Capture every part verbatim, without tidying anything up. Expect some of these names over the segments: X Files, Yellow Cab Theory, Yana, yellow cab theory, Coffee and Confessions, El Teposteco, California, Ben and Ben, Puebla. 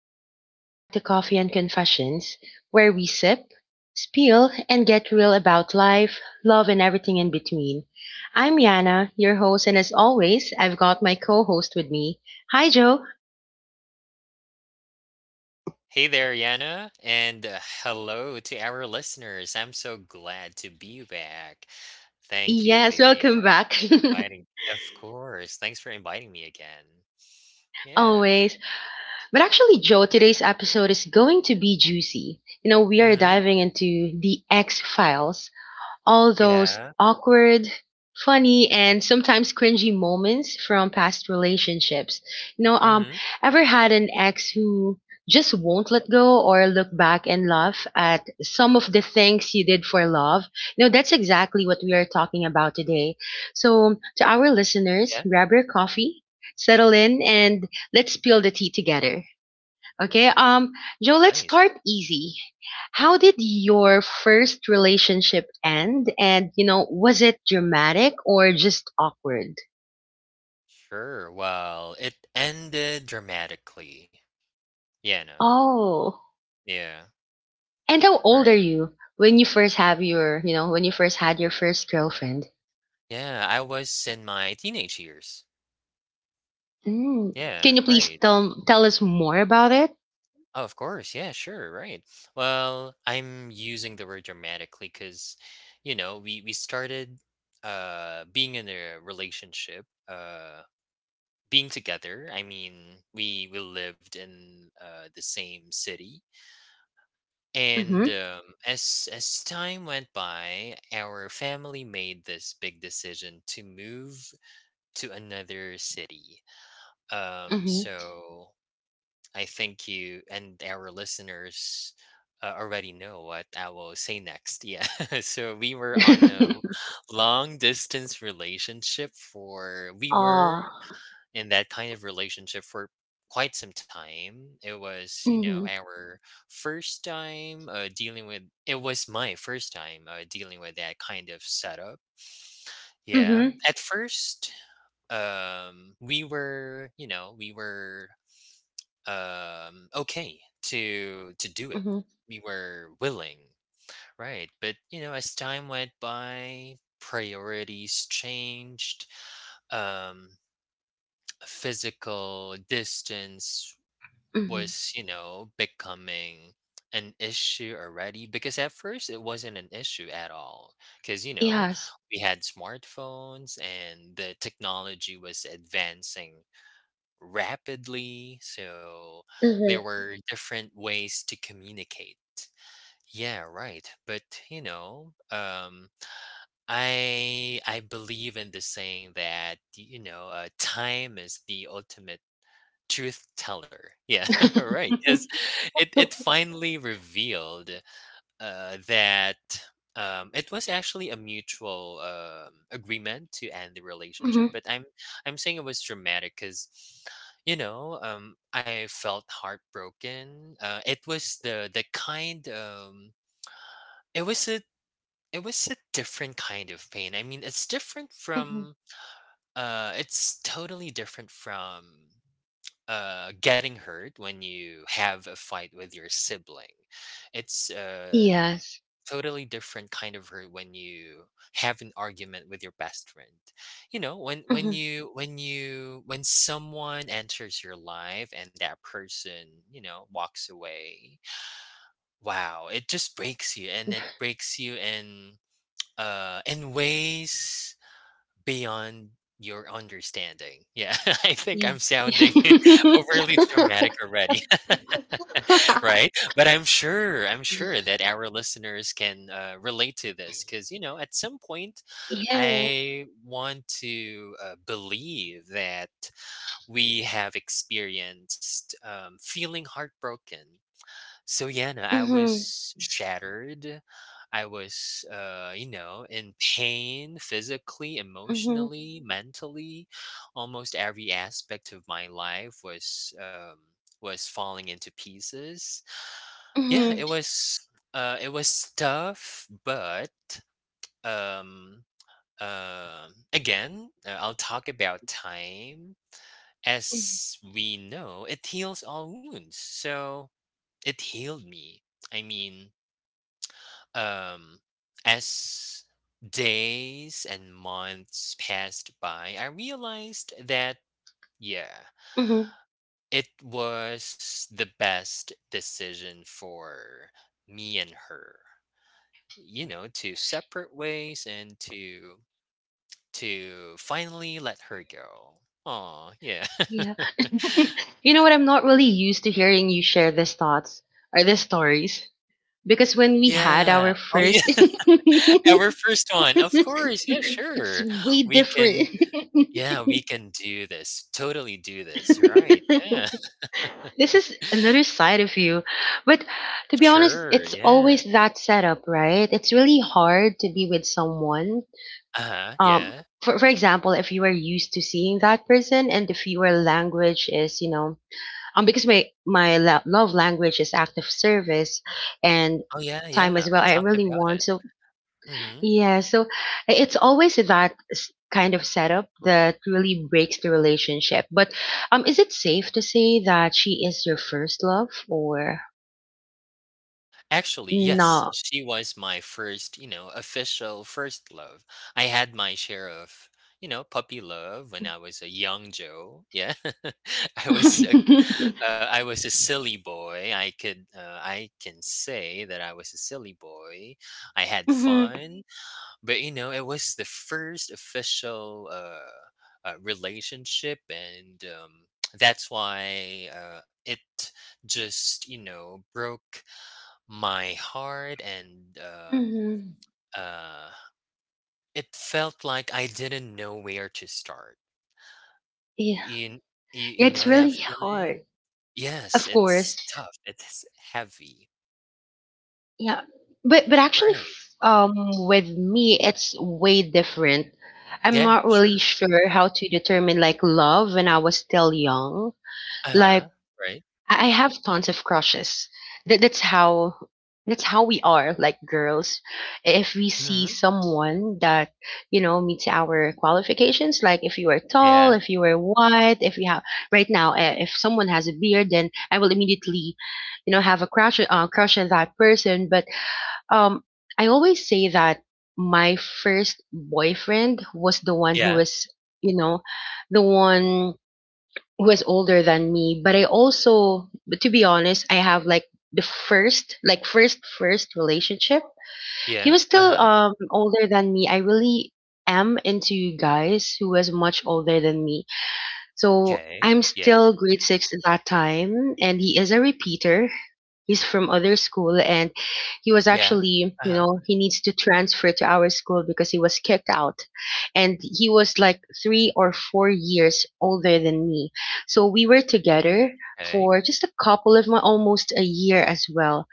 everyone, welcome back to Coffee and Confessions, where we sip, spill, and get real about life, love, and everything in between. I'm Yana, your host, and as always, I've got my co host with me. Hi, Joe. Hey there, Yana, and uh, hello to our listeners. I'm so glad to be back. Thank you Yes, very welcome much back. for inviting me. Of course. Thanks for inviting me again. Yeah. Always. But actually, Joe, today's episode is going to be juicy. You know, we are Mm-hmm. diving into the X Files, all those Yeah. awkward, funny, and sometimes cringy moments from past relationships. You know, um, Mm-hmm. Ever had an ex who just won't let go or look back and laugh at some of the things you did for love? You know, that's exactly what we are talking about today. So, to our listeners, Yeah. grab your coffee, settle in, and let's spill the tea together. Okay, um, Joe, let's Nice. start easy. How did your first relationship end? And, you know, was it dramatic or just awkward? Sure. Well, it ended dramatically. Yana. Oh. Yeah. And how old are Right. you when you first have your, you know, when you first had your first girlfriend? Yeah. I was in my teenage years. Mm. Yeah. Can you please Right. tell tell us more about it? Oh, of course. Yeah, sure. Right. Well, I'm using the word dramatically because, you know, we, we started uh, being in a relationship, uh, being together. I mean, we, we lived in uh, the same city. And Mm-hmm. um, as, as time went by, our family made this big decision to move to another city. Um, Mm-hmm. so I think you and our listeners uh, already know what I will say next. Yeah. so we were on a l- long distance relationship for, we Ah. were in that kind of relationship for quite some time. It was, you know, Mm-hmm. our first time uh, dealing with, it was my first time uh, dealing with that kind of setup. Yeah. Mm-hmm. At first, um, we were, you know, we were um okay to to do it, Mm-hmm. we were willing, right? But you know, as time went by, priorities changed. um Physical distance Mm-hmm. was, you know, becoming an issue already, because at first it wasn't an issue at all, because you know, Yes. we had smartphones and the technology was advancing rapidly. So there Mm-hmm. were Mm. different ways to communicate. Yeah, right. But you know, um, I I believe in the saying that you know, uh, time is the ultimate truth teller. Yeah, right. Because it it Mm-hmm. finally revealed uh, that um, it was actually a mutual um, agreement to end the relationship. But I'm I'm saying it was dramatic because, you know, um, I felt heartbroken. Uh, it was the the kind. Um, it was a it was a different kind of pain. I mean, it's different Mm-hmm. from. Uh, it's totally different from uh, getting hurt when you have a fight with your sibling. It's uh Yes. totally different kind of hurt when you have an argument with your best friend. You know, when when Mhm. you when you when someone enters your life and that person, you know, walks away, wow, it just breaks you, and it breaks you in uh in ways beyond your understanding. Yeah, I think Yeah. I'm sounding overly dramatic already. Right? But I'm sure I'm sure that our listeners can, uh, relate to this because, you know, at some point, Yeah. I want to, uh, believe that we have experienced, um, feeling heartbroken. So yeah, no, I Mhm. was shattered. I was, uh, you know, in pain physically, Mhm. emotionally, mentally. Almost every aspect of my life was um, was falling into pieces. Yeah, it Mhm. was uh, it was tough, but um, uh, again, uh, I'll talk about time. Mhm. As we know, it heals all wounds. So it healed me. I mean, Um, as days and months passed by, I realized that, yeah, Mhm. it was the best decision for me and her, you know, to separate ways and to to finally let her go. Oh, yeah. Yeah. You know what? I'm not really used to hearing you share these thoughts or these stories because when Oh we had our yeah. Oh yeah. first, Our first one. Of course. Yeah, it's sure. way We can different. Yeah, we can do this. Totally do this, right? Yeah. This is another side of you. But to be honest, Sure, it's yeah. always that setup, right? It's really hard to be with someone. Uh-huh, Um, yeah. for, for example, if you are used to seeing that person and if your language is, you know, um, because my, my la- love language is act of service and Oh, yeah, time yeah, as we well. I talked really about it. want. So Mhm. yeah, so i- it's always that s- kind of setup that really breaks the relationship. But um, is it safe to say that she is your first love or Actually, yes, not? she was my first, you know, official first love. I had my share of, you know, puppy love when I was a young Joe, yeah. I was a Hmm. uh, I was a silly boy. I could uh, I can say that I was a silly boy. I had Hmm. fun. But you know, it was the first official uh, uh, relationship, and um, that's why uh, it just, you know, broke my heart, and um, uh, it felt like I didn't know where to start. Yeah, You, you you it's know that really feeling? hard, Yes, of it's course. tough. It's heavy, Yeah, but but actually, right? f- um, with me, it's way different. I'm Yeah, not really sure. sure how to determine like love when I was still young. Uh Like huh. Right. I I have tons of crushes. That that's how that's how we are like girls. If we see Hmm. someone that you know meets our qualifications, like if you are tall, Yeah. if you are white, if you have right now, uh, if someone has a beard, then I will immediately, you know, have a crush uh, crush on that person. But um, I always say that my first boyfriend was the one who Yeah. was you know the one who was older than me. But I also, but to be honest, I have like the first, like first, first relationship. He Yeah. was Uh still huh. um older than me. I really am into guys who was much older than me. So Okay. I'm Yeah. still grade six at that time, and he is a repeater. He's from other school, and he was Yeah. actually, you Uh-huh. know, he needs to transfer to our school because he was kicked out. And he was like three or four years older than me. So we were Mm, together okay. for just a couple of months, almost a year as well,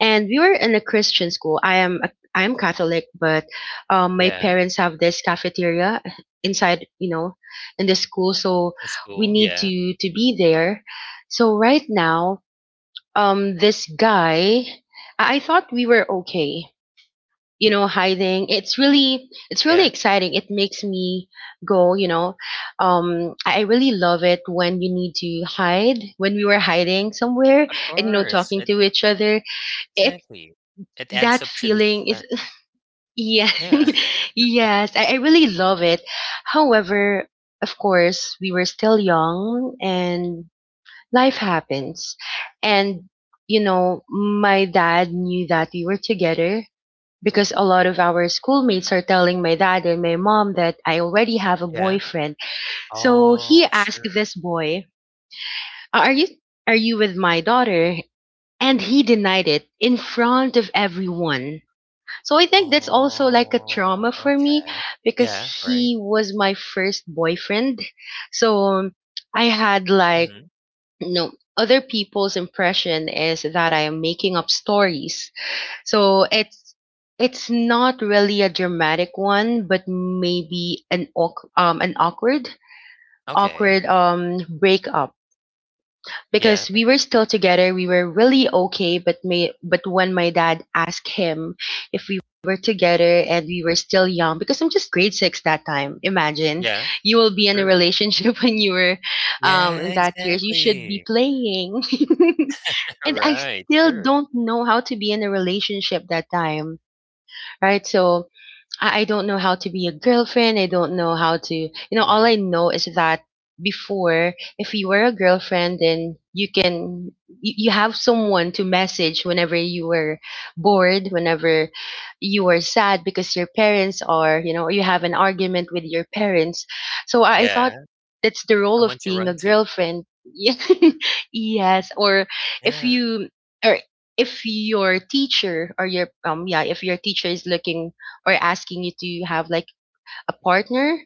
and we were in a Christian school. I am a, I am Catholic, but um, my Yeah, parents have this cafeteria inside, you know, in the school, so that's we cool. need Yeah, to to be there. So right now, um, this guy, I I thought we were okay, you know, hiding. It's really it's really yeah. exciting. It makes me go, you know, um, I I really love it when you need to hide. When we were hiding somewhere Of and you know course, e talking to each other, it Exactly. It adds that up to the feeling is, suspense. yeah. Yeah, Yes, I, I really love it. However, of course we were still young, and life happens, and you know my dad knew that we were together because a lot of our schoolmates are telling my dad and my mom that I already have a yeah. boyfriend. So he Oh, asked sure. this boy, are you are you with my daughter? And he denied it in front of everyone. So I think that's also like a trauma Oh, for me okay. because Yeah, right. he was my first boyfriend. So um, I had like Mhm. no, other people's impression is that I am making up stories. So it's it's not really a dramatic one, but maybe an awk- um an awkward Okay. awkward um breakup because Yeah, we were still together, we were really okay, but may but when my dad asked him if we were together. And we were still young because I'm just grade six that time. Imagine, yeah, you will be in a sure. relationship when you were um Yeah, in that years you should be exactly. playing. And I Right, still sure. don't know how to be in a relationship that time, right? So I, I don't know how to be a girlfriend. I don't know how to, you know, all Mhm. I know is that before, if you were a girlfriend, then you can, you, you have someone to message whenever you were bored, whenever you were sad because your parents are, you know, you have an argument with your parents. So I, I thought Yeah, that's the role of someone to being a run to. girlfriend. Yes. Or if Yeah. you, or if your teacher or your um yeah, if your teacher is looking or asking you to have like a partner,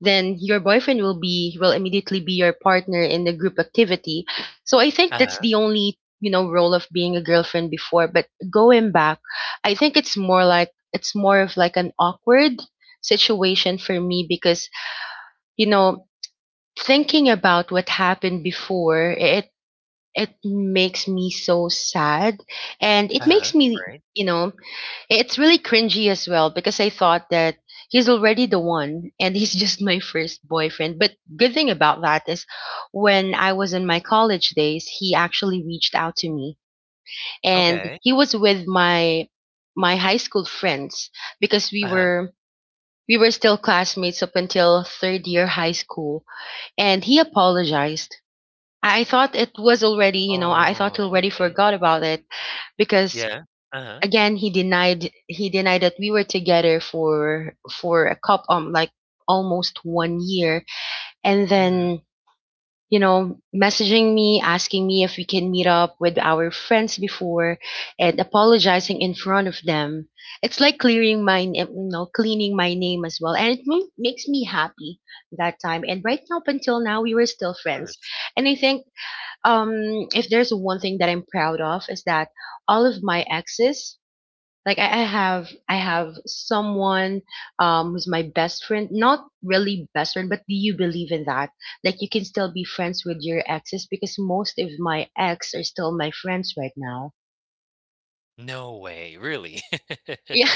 then your boyfriend will be will immediately be your partner in the group activity. So I think that's Uh-huh, the only, you know, role of being a girlfriend before, but going back, I think it's more like it's more of like an awkward situation for me because, you know, thinking about what happened before, it it makes me so sad, and it uh-huh, makes me, right. you know, it's really cringy as well because I thought that he's already the one and he's just my first boyfriend. But good thing about that is when I was in my college days, he actually reached out to me, and Okay. he was with my my high school friends because we Uh-huh. were we were still classmates up until third year high school, and he apologized. I thought it was already, you know, I thought he Oh, already okay. forgot about it because Yeah. Uh-huh. again he denied he denied that we were together for for a cup um like almost one year, and Mhm, then you know messaging me asking me if we can meet up with our friends before and apologizing in front of them. It's like clearing my n- you know cleaning my name as well, and it ma- makes me happy that time. And right now, up until now, we were still friends. worse. And I think um if there's one thing that I'm proud of is that all of my exes, like I, I have I have someone um who's my best friend, not really best friend, but do you believe in that? Like you can still be friends with your exes because most of my ex are still my friends right now. No way, really? Yeah.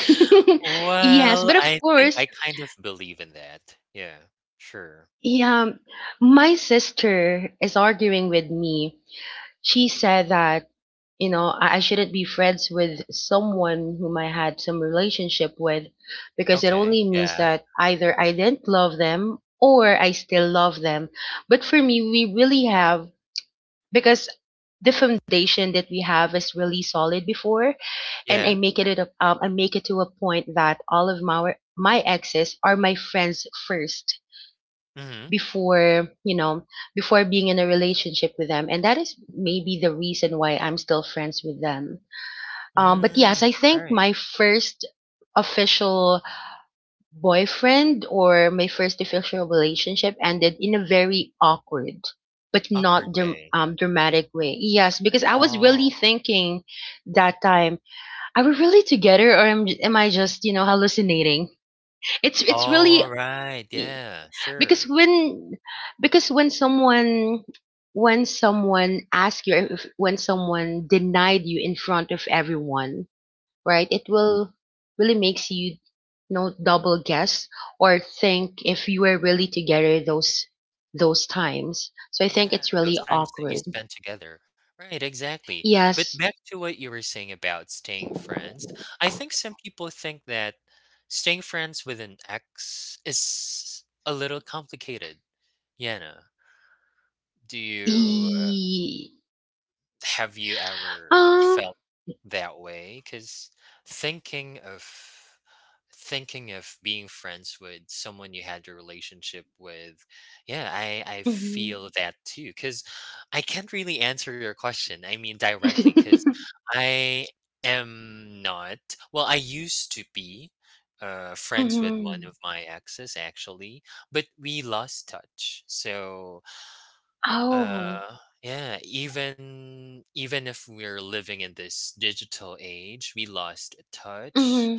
Yes, Well, but of I think course, I kind of believe in that. Yeah, sure. yeah, my sister is arguing with me. She said that you know I, I shouldn't be friends with someone whom I had some relationship with because it Okay, only means yeah, that either I didn't love them or I still love them. But for me, we really have because the foundation that we have is really solid before, and I yeah, make it a, um, I make it to a point that all of my my exes are my friends first mhm. before you know before being in a relationship with them, and that is maybe the reason why I'm still friends with them. Um, but yes, Mm, I all think right. my first official boyfriend or my first official relationship ended in a very awkward but not Awkward dram- way. um, dramatic way. Yes, because I was Oh, really thinking that time, are we really together, or am, am I just you know hallucinating? It's it's really, alright, yeah, because sure. when because when someone, when someone asks you if, when someone denied you in front of everyone, right, it will really makes you, you know, double guess or think if you were really together those those times. So I think Yeah, it's really those times that awkward. you spent together. Right, exactly. But Yes. back to what you were saying about staying friends, I think some people think that staying friends with an ex is a little complicated. Yana, do you uh, e- have you ever uh, felt that way? Because thinking of thinking of being friends with someone you had a relationship with, yeah, i i mhm. feel that too, because I can't really answer your question, I mean, directly, because I am not, well, I used to be uh, friends with one Mhm. of my exes actually, but we lost touch. So Oh. uh yeah, even even if we're living in this digital age, we lost Mhm. touch.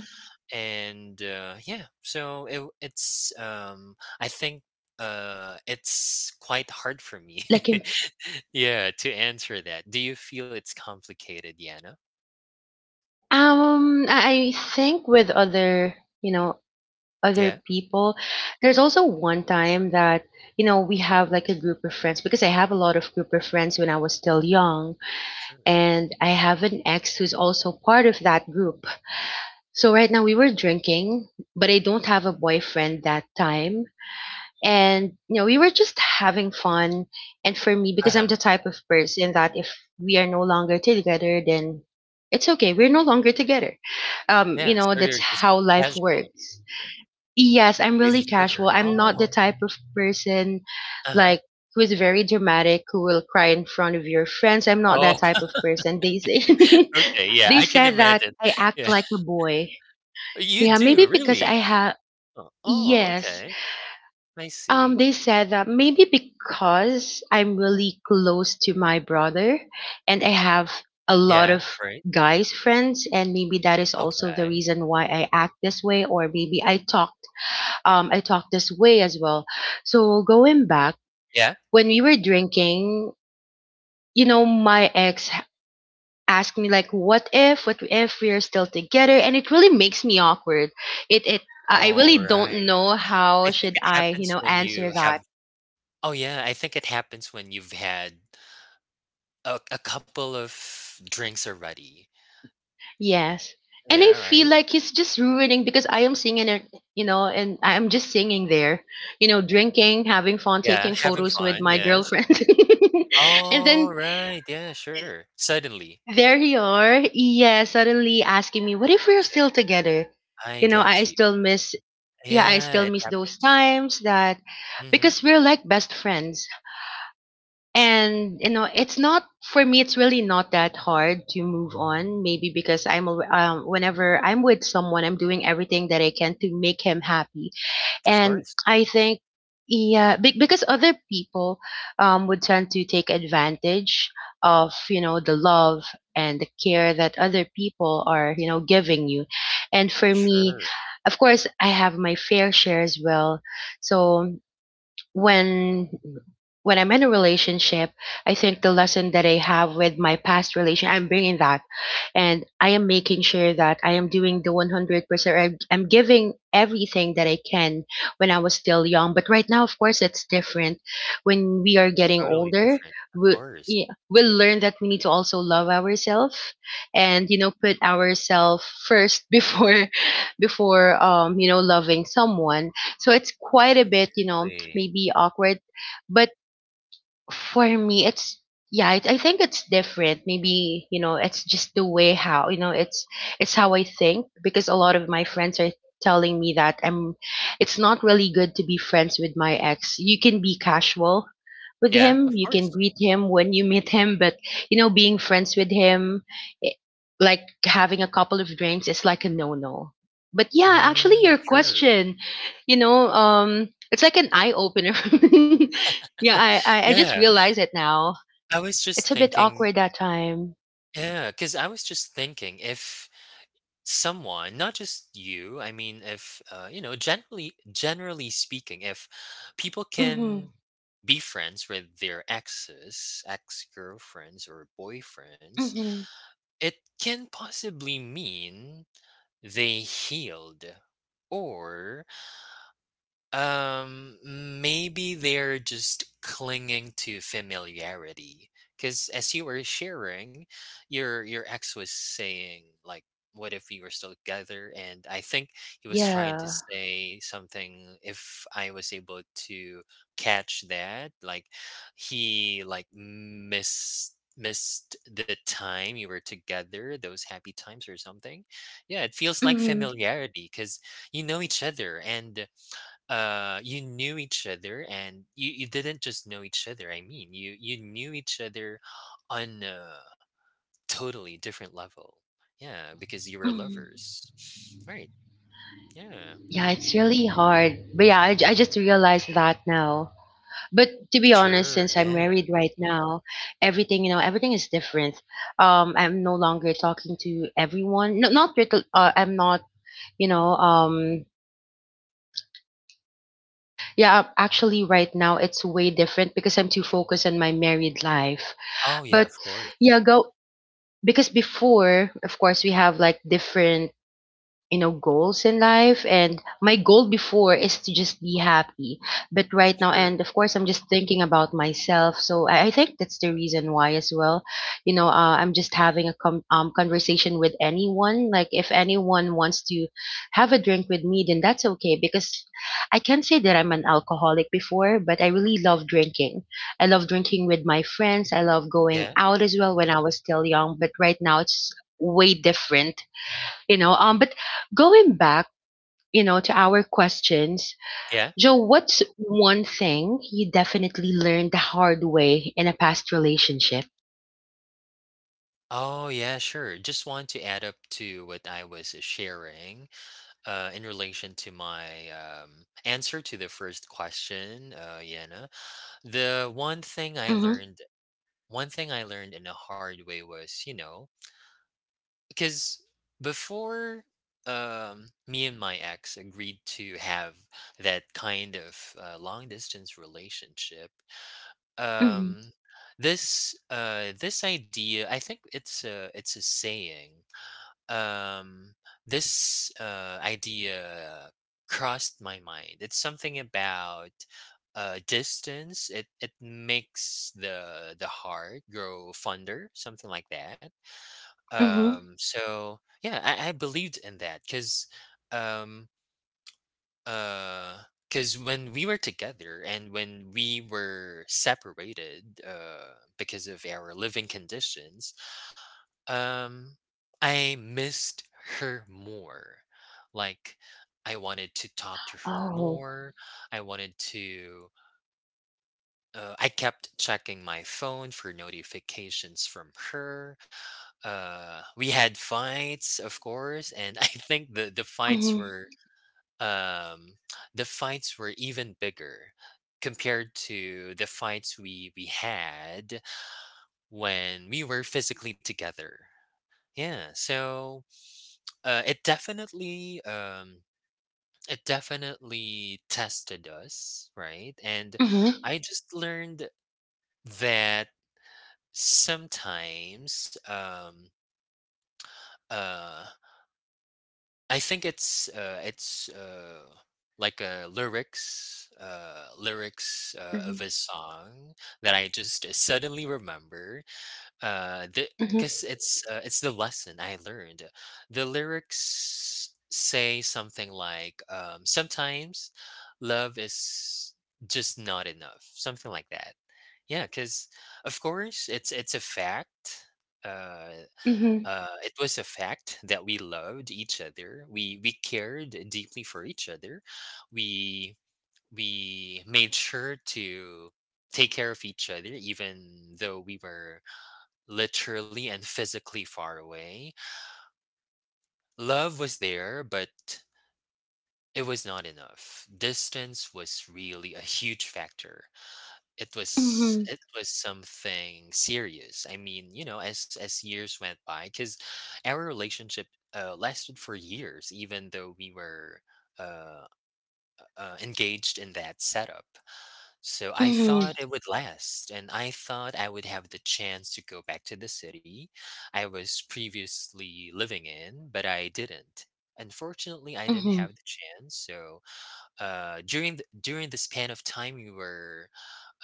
And uh, yeah, so it, it's um I think uh it's quite hard for me Like, yeah to answer that. Do you feel it's complicated, Yana? Um, I I think with other, you know, other Yeah, people, there's also one time that, you know, we have like a group of friends because I have a lot of group of friends when I was still young, sure. and I have an ex who's also part of that group. So right now we were drinking, but I don't have a boyfriend that time, and you know we were just having fun. And for me, because I'm Uh-huh, the type of person that if we are no longer together, then it's okay, we're no longer together. Um you yeah, know, so that's you're just how life casual works. Yes, I'm with really each casual, other. I'm not the Oh, type of person uh-huh. like who is very dramatic, who will cry in front of your friends. I'm not Oh, that type of person, they say. okay, yeah, I They can said that imagine. I act Yeah, like a boy. you Yeah, do maybe because I really. have, Oh, oh, yes, okay. I um, see. they said that maybe because I'm really close to my brother and I have a lot Yeah, of right. guys friends, and maybe that is also the Okay. reason why I act this way, or maybe I talked, um I talked this way as well. So going back, Yeah, when we were drinking, you know, my ex h- asked me like, what if, what if we're still together, and it really makes me awkward. It it I I all really don't right. know I how think should it I, you happens know, when answer you that. have Oh yeah, I think it happens when you've had a, a couple of drinks already. Yes. And I Yeah, feel right. like he's just ruining because I am singing it, you know, and I'm just singing there, you know, drinking, having fun, Yeah, taking having photos with fun. my Yes. girlfriend. And All then right. Yeah, sure. Suddenly. there you are. Yeah, suddenly asking me, what if we're Okay, still together? I You know, get I you. still miss, yeah, I Yeah, still it miss those happens. times, that Hmm. because we're like best friends. And you know, it's not for me, it's really not that hard to move on. Maybe because I'm al- um, whenever I'm with someone, I'm doing everything that I can to make him happy. Of And course. I think, yeah, be- because other people, um, would tend to take advantage of, you know, the love and the care that other people are, you know, giving you. And for me, Sure. of course, I have my fair share as well. So when when I'm in a relationship, I think the lesson that I have with my past relation, I'm bringing that, and I am making sure that I am doing the one hundred percent. I'm, I'm giving everything that I can when I was still young. But right now, of course, it's different. When we are getting Totally older, different. Of we, course. yeah, we'll learn that we need to also love ourselves and, you know, put ourselves first before, before um you know, loving someone. So it's quite a bit, you know, Exactly. maybe awkward. But for me, it's, yeah, it, I think it's different. Maybe, you know, it's just the way how, you know, it's it's how I think, because a lot of my friends are telling me that I'm, it's not really good to be friends with my ex. You can be casual with Yeah, him, of you can course. greet him when you meet him, but you know, being friends with him, i- like having a couple of drinks is like a no-no. But yeah, actually Mm, your sure. question, you know, um it's like an eye opener. Yeah, I, I I just Yeah, realize it now. I was It's just a bit thinking. awkward that time. Yeah, because I was just thinking, if someone, not just you, I mean, if uh, you know, generally generally speaking, if people Mhm. can be friends with their exes, ex-girlfriends or boyfriends, Mhm. it can possibly mean they healed, or um, maybe they're just clinging to familiarity. Because as you were sharing, your your ex was saying like, "What if we were still together?" And I think he was trying to Yeah. say something, if I was able to catch that, like he like missed missed the time you were together, those happy times or something. Yeah, it feels like Mhm. familiarity because you know each other, and uh you knew each other, and you, you didn't just know each other, I mean, you you knew each other on a totally different level, yeah, because you were Mhm. lovers, right? Yeah. Yeah, it's really hard. But yeah, I, j- I just realized that now. But to be honest, Sure. since I'm Yeah. married right now, everything, you know, everything is different. Um I'm no longer talking to everyone. No, not little, uh, I'm not, you know, um yeah, actually right now it's way different because I'm too focused on my married life. Oh yeah, But of course. yeah, go. Because before, of course, we have like different, you know, goals in life, and my goal before is to just be happy. But right now, Sure, and of course, I'm just thinking about myself. So i, I think that's the reason why as well, you know. uh, I'm just having a com- um, conversation with anyone, like if anyone wants to have a drink with me, then that's okay. Because I can't say that I'm an alcoholic before, but I really love drinking. I love drinking with my friends, I love going yeah, out as well when I was still young, but right now it's way different. You know, um but going back, you know, to our questions, yeah. Joe, what's one thing you definitely learned the hard way in a past relationship? Oh yeah, sure, just want to add up to what I was uh, sharing uh in relation to my um answer to the first question, uh Yana. The one thing I Mm-hmm. learned One thing I learned in a hard way was, you know, because before, um, me and my ex agreed to have that kind of uh, long distance relationship, Mm-hmm. um, this uh, this idea, I think it's a it's a saying, um this uh idea crossed my mind. It's something about uh distance, it it makes the the heart grow fonder, something like that. Mm-hmm. Um so yeah, i, I believed in that because um uh because when we were together and when we were separated, uh, because of our living conditions, um, I missed her more. Like, I wanted to talk to Oh. her more. I wanted to. Uh, I kept checking my phone for notifications from her. Uh, we had fights, of course, and I think the the fights Mm-hmm. were um, the fights were even bigger compared to the fights we we had when we were physically together. Yeah, so Uh, it definitely um it definitely tested us, right? And Mm-hmm. I just learned that sometimes um uh I think it's uh it's uh like a lyrics uh lyrics uh, of Mm-hmm. a song that I just suddenly remember. Uh, the Because it's uh, it's the lesson I learned. The lyrics say something like, um, "Sometimes love is just not enough," something like that. Yeah, because of course it's it's a fact. Uh, Mm-hmm. uh, it was a fact that we loved each other. We we cared deeply for each other. We we made sure to take care of each other, even though we were literally and physically far away. Love was there, but it was not enough. Distance was really a huge factor. It was mm-hmm. It was something serious. I mean, you know, as as years went by, because our relationship uh, lasted for years, even though we were uh, uh, engaged in that setup. So I Mm-hmm. thought it would last, and I thought I would have the chance to go back to the city I was previously living in, but I didn't. Unfortunately, I didn't Mm-hmm. have the chance. So uh, during the, during the span of time we were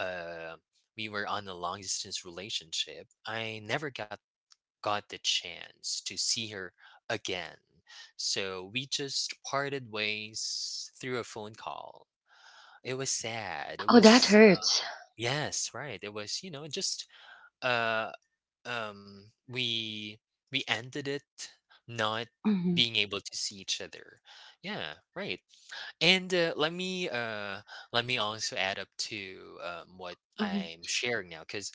uh, we were on a long distance relationship, I never got got the chance to see her again. So we just parted ways through a phone call. It was sad. It Oh, that was hurts. Yes, right. It was, you know, just uh um we we ended it not Mm-hmm. being able to see each other. Yeah, right. And uh, let me uh let me also add up to um what Mm-hmm. I'm sharing now cuz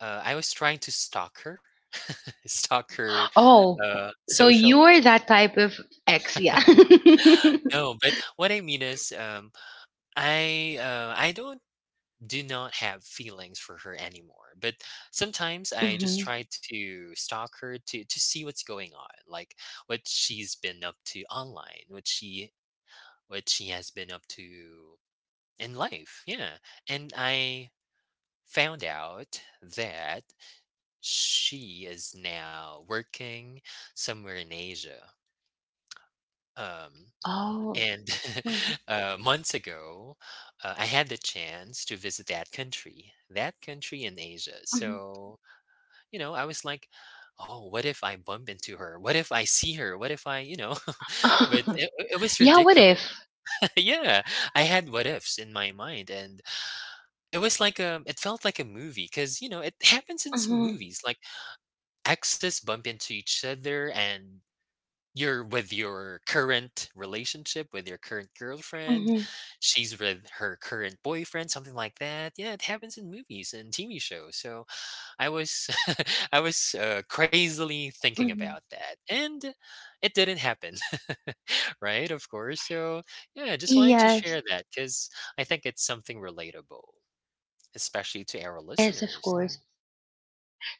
uh I was trying to stalk her. Stalk her Oh, uh so social. you're that type of ex. Yeah. Mm-hmm. No, but what I mean is um I uh I don't do not have feelings for her anymore. But sometimes I just try to stalk her to to see what's going on, like what she's been up to online, what she what she has been up to in life. Yeah. And I found out that she is now working somewhere in Asia. Um Oh. and Mm-hmm. uh, months ago, uh, I had the chance to visit that country, that country in Asia. So you know, I was like, "Oh, what if I bump into her? What if I see her? What if I, you know?" But it, it was Yeah, what ridiculous. if. Yeah, I had what ifs in my mind, and it was like a, it felt like a movie because you know it happens in some Mm-hmm. movies, like exes bump into each other, and you're with your current relationship with your current girlfriend, she's with her current boyfriend, something like that. Yeah, it happens in movies and T V shows. So I was I was uh, crazily thinking about Mhm. that, and it didn't happen, right? Of course. So yeah, I just wanted to share Yes, that because I think it's something relatable, especially to our yes, of listeners. course.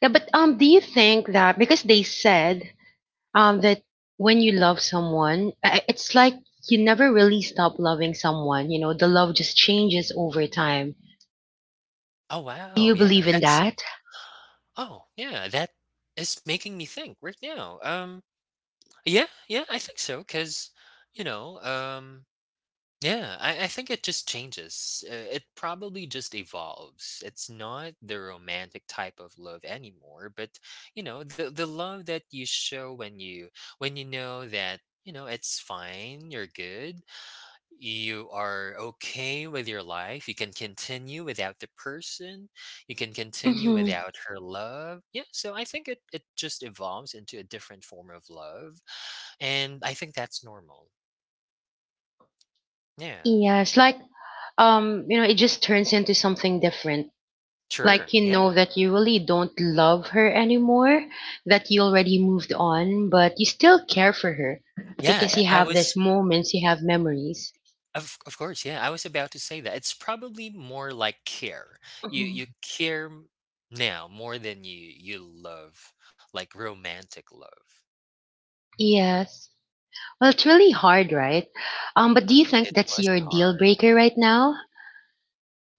Yeah, but um, do you think that, because they said um that when you love someone, I- I- it's like you never really stop loving someone. You know, the love just changes over time. Oh Do wow, you believe yeah, in that's such- that? oh yeah, that is making me think right now. Um, yeah, yeah, I think so because you know, um, yeah, I, I think it just changes. Uh, It probably just evolves. It's not the romantic type of love anymore, but you know, the the love that you show when you when you know that, you know, it's fine, you're good, you are okay with your life, you can continue without the person, you can continue Mm-hmm. without her love. Yeah, so I think it it just evolves into a different form of love, and I think that's normal. Yeah. Yes, like um, you know, it just turns into something different. Like Sure. you know Yeah. that you really don't love her anymore, that you already moved on, but you still care for her because Yeah, you I I have these was moments, you have memories. of of course, yeah, I was about to say that. It's probably more like care. You you care m- now more than you you love, like romantic love. Yes. Well, it's really hard, right? Um, but do you think It that's was your deal hard. breaker right now?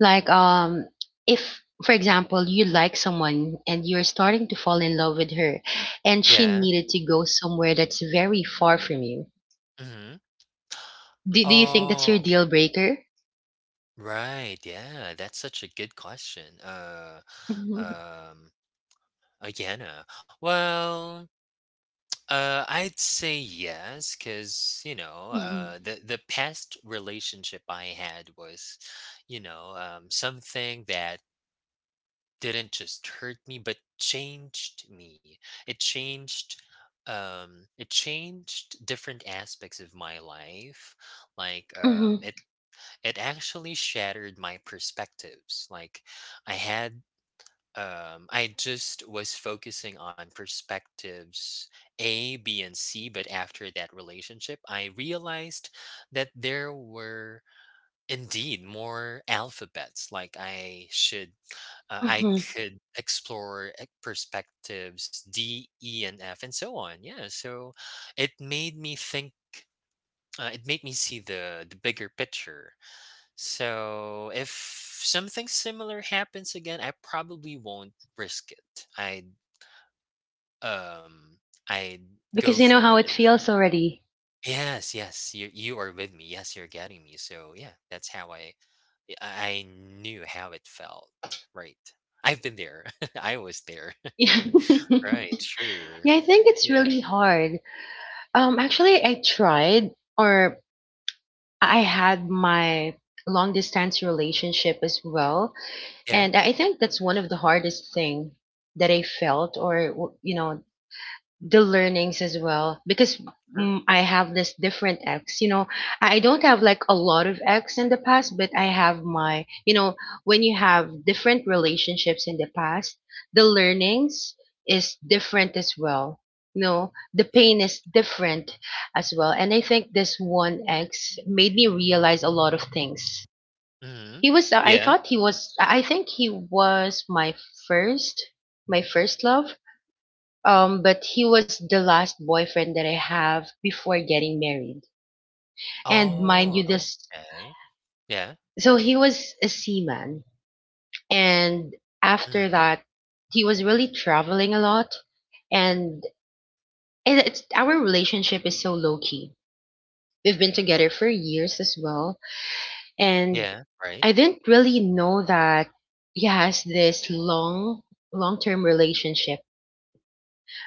Like, um, if, for example, you like someone and you're starting to fall in love with her, and she Yeah. needed to go somewhere that's very far from you, Hmm. do, do you think that's your Oh, deal breaker? right. Yeah, that's such a good question. Uh, hmm. um, again, uh, well. Uh, I'd say yes, because you know, Hmm. uh, the the past relationship I had was, you know, um, something that didn't just hurt me, but changed me. It changed, um, it changed different aspects of my life. Like, um, Hmm. it it actually shattered my perspectives. Like, I had um, I just was focusing on perspectives A, B, and C, but after that relationship, I realized that there were indeed more alphabets. Like I should, uh, Hmm. I could explore e- perspectives D, E, and F, and so on. Yeah, so it made me think. Uh, it made me see the the bigger picture so if something similar happens again, I probably won't risk it. i um I'd Because you know how go it for feels it. already. Yes, yes, you you are with me. Yes, you're getting me. So yeah, that's how I I I knew how it felt. Right. I've been there. I was there. Yeah, Right, I sure. think it's Yeah. really hard. Um, actually, I tried, or I had my long distance relationship as well, Yeah, and I think that's one of the hardest thing that I felt, or w- you know, the learnings as well, because sure. mm, I have this different ex. You know, I I don't have like a lot of ex in the past, but I have my, you know, when you have different relationships in the past, the learnings is different as well. You know, the pain Yes. is different as well. And I think this one ex made me realize a lot of things. Hmm. He was, I Yeah. thought he was, I think he was my first, my first love, um, but he was the last boyfriend that I have before getting married. And mind you, Oh, this, okay. Yeah. so he was a seaman, and after Hmm. that, he was really traveling a lot, and it, it's, our relationship is so low key. We've been together for years as well, and Yeah. Right. I didn't really know that he has this long, long term relationship.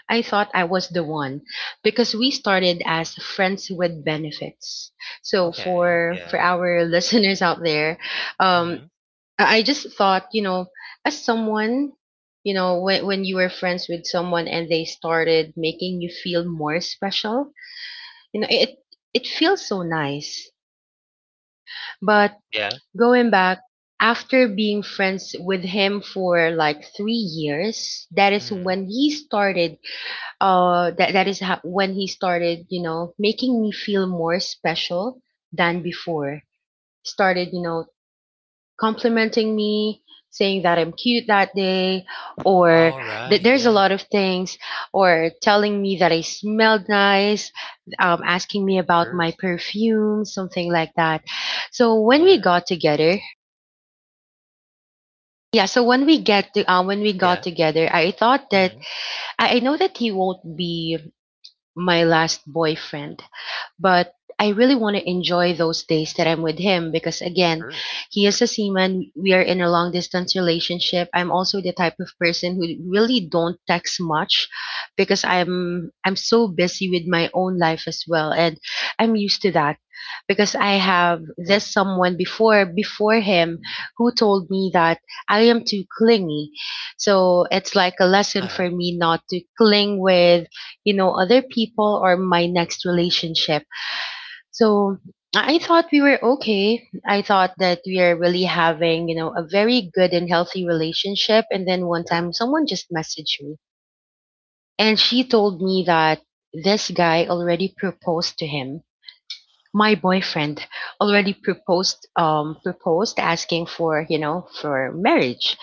I thought I was the one because we started as friends with benefits. So Okay. for for Yeah. our listeners out there, um, Hmm. I I just thought, you know, as someone, you know, when when you were friends with someone and they started making you feel more special, you know, it it feels so nice. But Yeah. going back, after being friends with him for like three years, that is Mhm. when he started, uh that, that is how, when he started, you know, making me feel more special than before, started, you know, complimenting me, saying that I'm cute that day or that Alright, there's a yeah, lot of things, or telling me that I smelled nice, um, asking me about my sure, perfume, something like that. So when we yeah, got together, yeah, so when we get to, uh, when we got yeah, together, I thought that mhm, I, I know that he won't be my last boyfriend. But I really want to enjoy those days that I'm with him because, again, sure, he is a seaman. We are in a long distance relationship. I'm also the type of person who really don't text much because I'm I'm so busy with my own life as well, and I'm used to that because I have this sure, someone before, before him, who told me that I am too clingy. So it's like a lesson uh-huh, for me not to cling with, you know, other people or my next relationship. So I I thought we were okay. I thought that we are really having, you know, a very good and healthy relationship. And then one sure, time someone just messaged me, and she told me that this guy already proposed to him. My boyfriend already proposed, um, proposed asking for, you know, for marriage.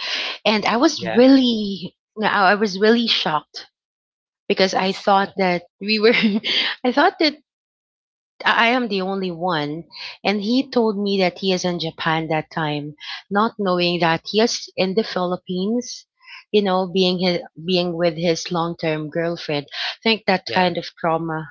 And I was yeah, really, I I was really shocked of because I course, yeah, thought that we were, I thought that I am the only one. And he told me that he is in Japan that time, not knowing that he is in the Philippines, you know, being his, being with his long-term girlfriend. I think that yeah, kind of trauma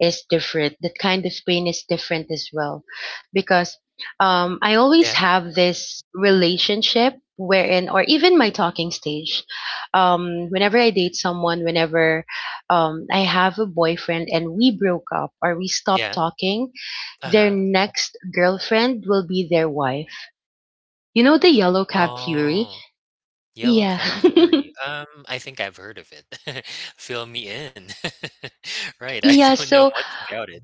is different. That kind of pain is different as well. Because um, I always yeah, have this relationship wherein, or even my talking stage, um, whenever I date someone, whenever um, I have a boyfriend and we broke up or we stopped yeah, talking, their uh-huh, next girlfriend will be their wife. You know the yellow cab theory? oh, Yellow Yeah. Cab Theory, um, I think I've heard of it. Fill me in. Right, I Yeah, don't know so much about it.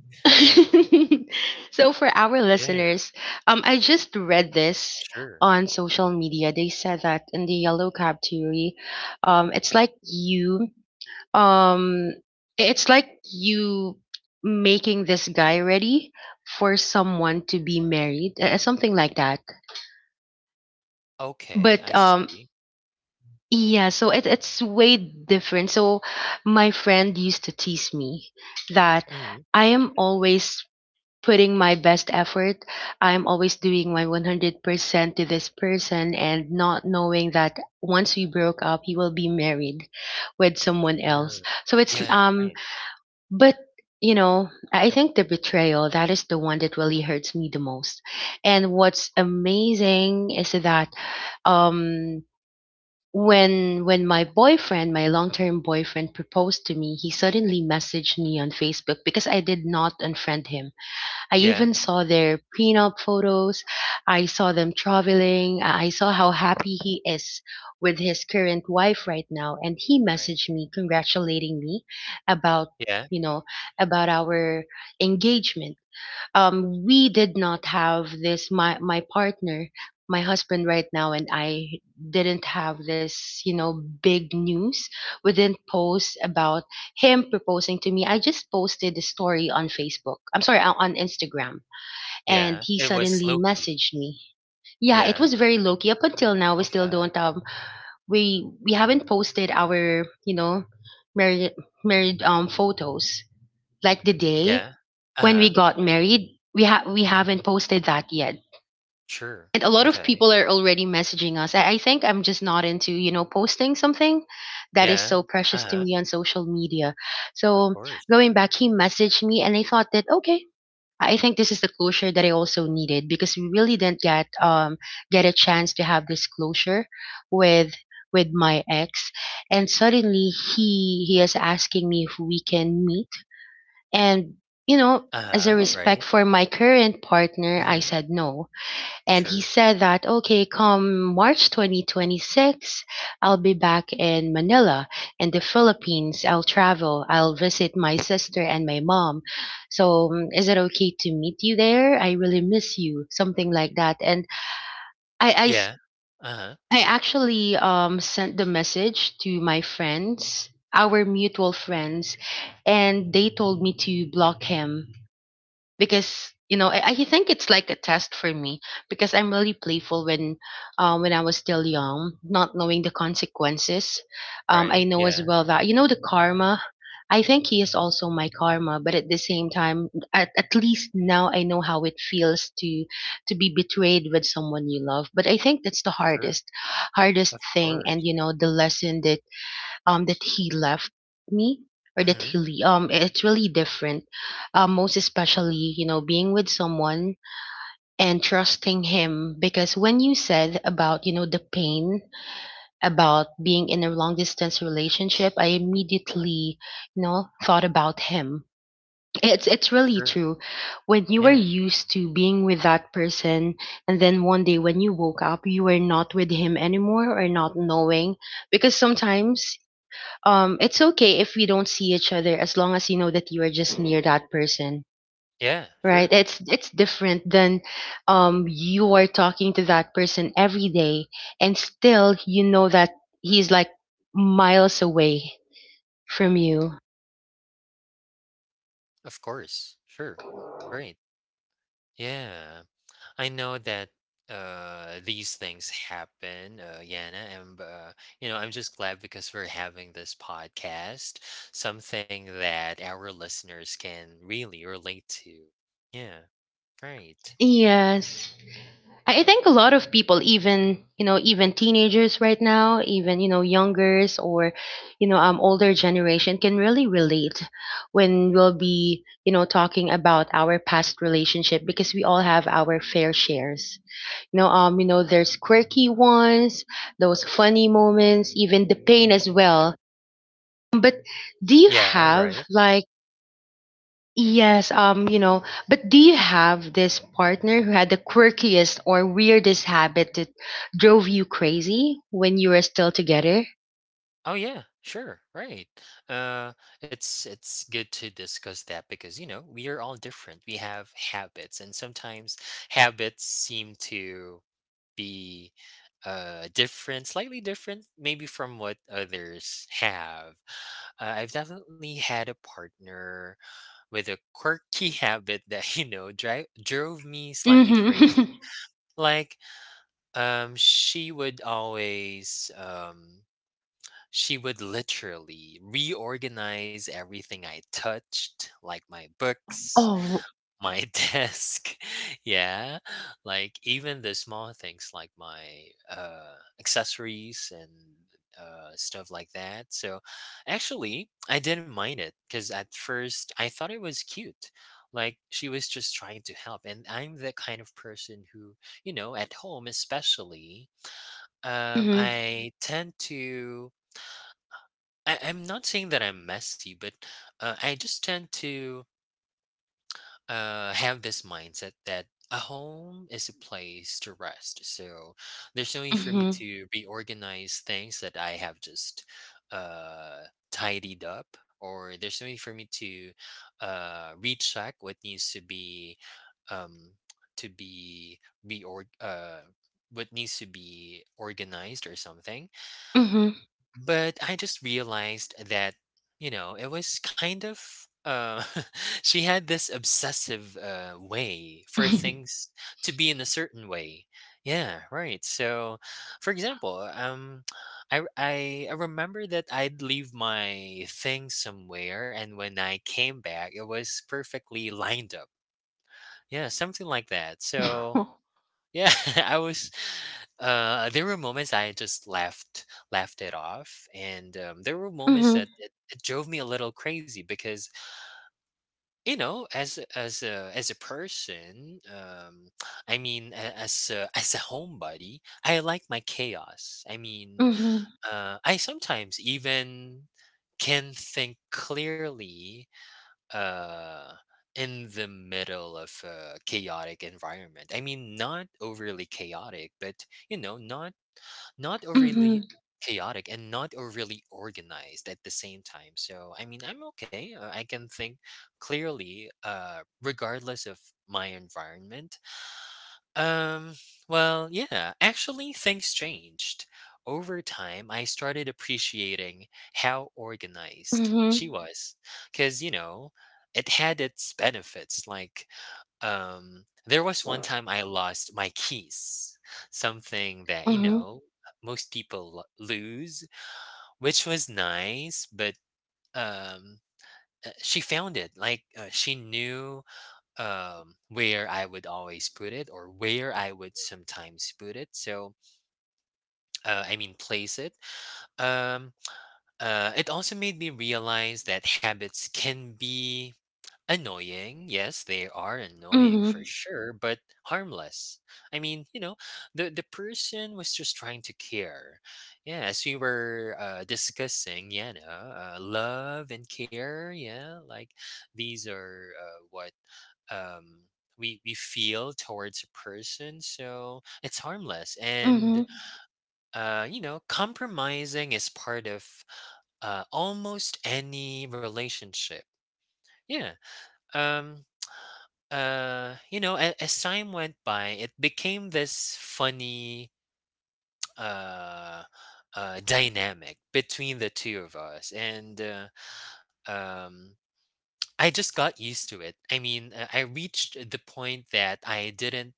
so for our Yeah, listeners, um, I just read this sure. on social media. They said that in the yellow cab theory, um, it's like you, um, it's like you making this guy ready for someone to be married, uh, something like that. Okay, But I um, see. yeah, so it, it's way different. So my friend used to tease me that Mhm, I am always putting my best effort. I'm always doing my one hundred percent to this person, and not knowing that once we broke up, he will be married with someone else. sure. So it's, Yeah, um, right. but you know, I think the betrayal, that is the one that really hurts me the most. And what's amazing is that, um, when when my boyfriend my long-term boyfriend proposed to me, he suddenly messaged me on Facebook because I did not unfriend him. I Yeah, even saw their prenup photos. I saw them traveling. I I saw how happy he is with his current wife right now. And he right. messaged me congratulating me about, Yeah, you know, about our engagement. Um we did not have this, my my partner, my husband right now, and I didn't have this, you know, big news. We didn't post about him proposing to me. I just posted the story on Facebook, I'm sorry, on on Instagram, and yeah, he it was suddenly Loki. messaged me. Yeah, it Yeah, was very low key. Up until now we still okay, don't, um we we haven't posted our, you know, married married um photos, like the day yeah, when we uh-huh. got married. We ha- we haven't posted that yet. Sure. And a lot of Okay. people are already messaging us. I-, I think I'm just not into, you know, posting something that is Yeah. so precious to Uh-huh. me on social media. Of So course. going back, he messaged me and I thought that, okay, I think this is the closure that I also needed because we really didn't get um get a chance to have this closure with with my ex. And suddenly he he is asking me if we can meet and, you know, as Uh-huh. a Right. respect for my current partner, I Hmm. said no. And he Sure. said that, okay, come March twenty twenty-six, I'll be back in Manila, in the Philippines. I'll travel. I'll visit my sister and my mom. So mm, is it okay to meet you there? I really miss you. Something like that. And I, I s- Yeah. Uh-huh. I actually um, sent the message to my friends, our mutual friends, and they told me to block him because, you know, I, I think it's like a test for me because I'm really playful when, um, when I was still young, not knowing the consequences. Um, I Right. know as Yeah. well that, you know, the karma. I think he is also my karma, but at the same time, at, at least now I know how it feels to to be betrayed with someone you love. But I think that's the Sure. hardest hardest Of thing, and course. you know the lesson that um that he left me, or that Hmm. he le- um it's really different, um most especially, you know, being with someone and trusting him. Because when you said about, you know, the pain about being in a long distance relationship, I immediately, you know, thought about him. It's it's really Sure. true, when you were Yeah. used to being with that person, and then one day when you woke up you were not with him anymore, or not knowing. Because sometimes, um it's okay if we don't see each other as long as you know that you are just near that person, Yeah. right? Sure. It's it's different than, um you are talking to that person every day and still you know that he's like miles away from you. Of course. Sure. Right. Yeah. I know that uh these things happen uh Yana, and uh you know, I'm just glad because we're having this podcast, something that our listeners can really relate to. Yeah, right. Yes, I I think a lot of people, even, you know, even teenagers right now, even, you know, youngers, or you know, um, older generation can really relate when we'll be, you know, talking about our past relationship, because we all have our fair shares. You know, um, you know, there's quirky ones, those funny moments, even the pain as well. But do you Yeah, right. have like, yes, um, you know, but do you have this partner who had the quirkiest or weirdest habit that drove you crazy when you were still together? Oh yeah, sure, right. Uh, it's it's good to discuss that because you know we are all different. We have habits, and sometimes habits seem to be uh different, slightly different, maybe from what others have. Uh, I've definitely had a partner with a quirky habit that you know drive drove me slightly crazy. Mm-hmm. Like, um, she would always um she would literally reorganize everything I touched, like my books, Oh. my desk. Yeah. Like even the small things like my uh, accessories and uh, stuff like that. So actually, I didn't mind it because at first I thought it was cute. Like she was just trying to help. And I'm the kind of person who, you know, at home especially, um, Mm-hmm. I tend to I, I'm not saying that I'm messy, but uh, I just tend to uh, have this mindset that a home is a place to rest. So there's no need for me Mm-hmm. to reorganize things that I have just uh, tidied up, or there's no need for me to uh, recheck what needs to be um, to be reorg uh, what needs to be organized or something, Mm-hmm. but I just realized that, you know, it was kind of uh she had this obsessive uh way for things to be in a certain way. Yeah, right. So, for example, um I r- I I remember that I'd leave my things somewhere and when I came back it was perfectly lined up. Yeah, something like that. So, yeah, I was. Uh, there were moments I just laughed, laughed it off, and um, there were moments Mm-hmm. that it, it drove me a little crazy because you know, as a- as a as a person, um, I mean, a- as a, as a homebody, I like my chaos. I mean, Mm-hmm. uh, I sometimes even can think clearly uh in the middle of a chaotic environment. I mean not overly chaotic, but you know, not Mm-hmm. not overly chaotic and not overly organized at the same time. So I mean, I'm okay, uh, I can think clearly uh regardless of my environment. um, well, yeah, actually, things changed. Over time, I started appreciating how organized Mm-hmm. she was. Because, you know, it had its benefits. Like, um, there was one time I lost my keys, something that, you Mm-hmm. know, most people lo- lose, which was nice, but, um, uh, she found it. Like, uh, she knew um where I would always put it or where I would sometimes put it, so uh, I mean place it. um uh, it also made me realize that habits can be annoying. Yes, they are annoying for sure, but harmless. I mean, you know, the the person was just trying to care. Yeah, as we were uh, discussing, yeah, no, uh, love and care. Yeah, like these are uh, what um, we we feel towards a person. So it's harmless, Mm-hmm. and uh, you know, compromising is part of uh, almost any relationship. Yeah. Um. Uh. You know, a- as time went by, it became this funny uh, uh dynamic between the two of us, and uh, um, I just got used to it. I mean, uh, I reached the point that I didn't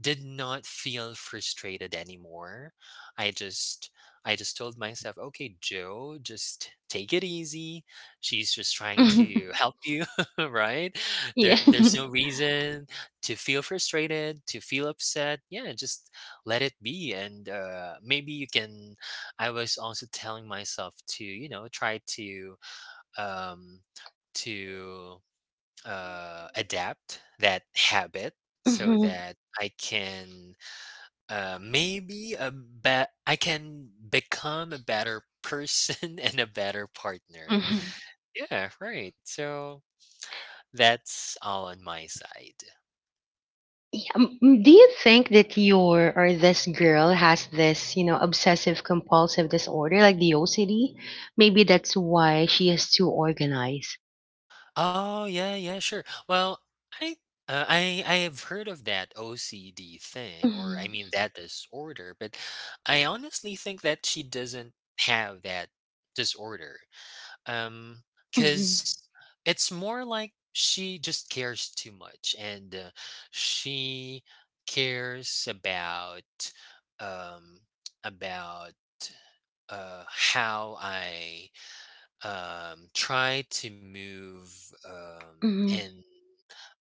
did not feel frustrated anymore. I just I just told myself, "Okay, Joe, just take it easy. She's just trying Mm-hmm. to help you, right? There Yeah. there's no reason to feel frustrated, to feel upset. Yeah, just let it be, and uh maybe you can I was also telling myself to, you know, try to um to uh adapt that habit so that I can uh, maybe a bet I can become a better person and a better partner. Mm-hmm. Yeah, right. So that's all on my side. Yeah, mm, mm, do you think that your, or this girl, has this, you know, obsessive compulsive disorder, like the O C D? Maybe that's why she is too organized. Oh yeah, yeah, sure. Well, I uh, I I have heard of that O C D thing, or I Mhm, mean that disorder, but I honestly think that she doesn't have that disorder. Um, mhm, cause it's more like she just cares too much and, uh, she cares about, um, about, uh, how I um, try to move um, mhm, in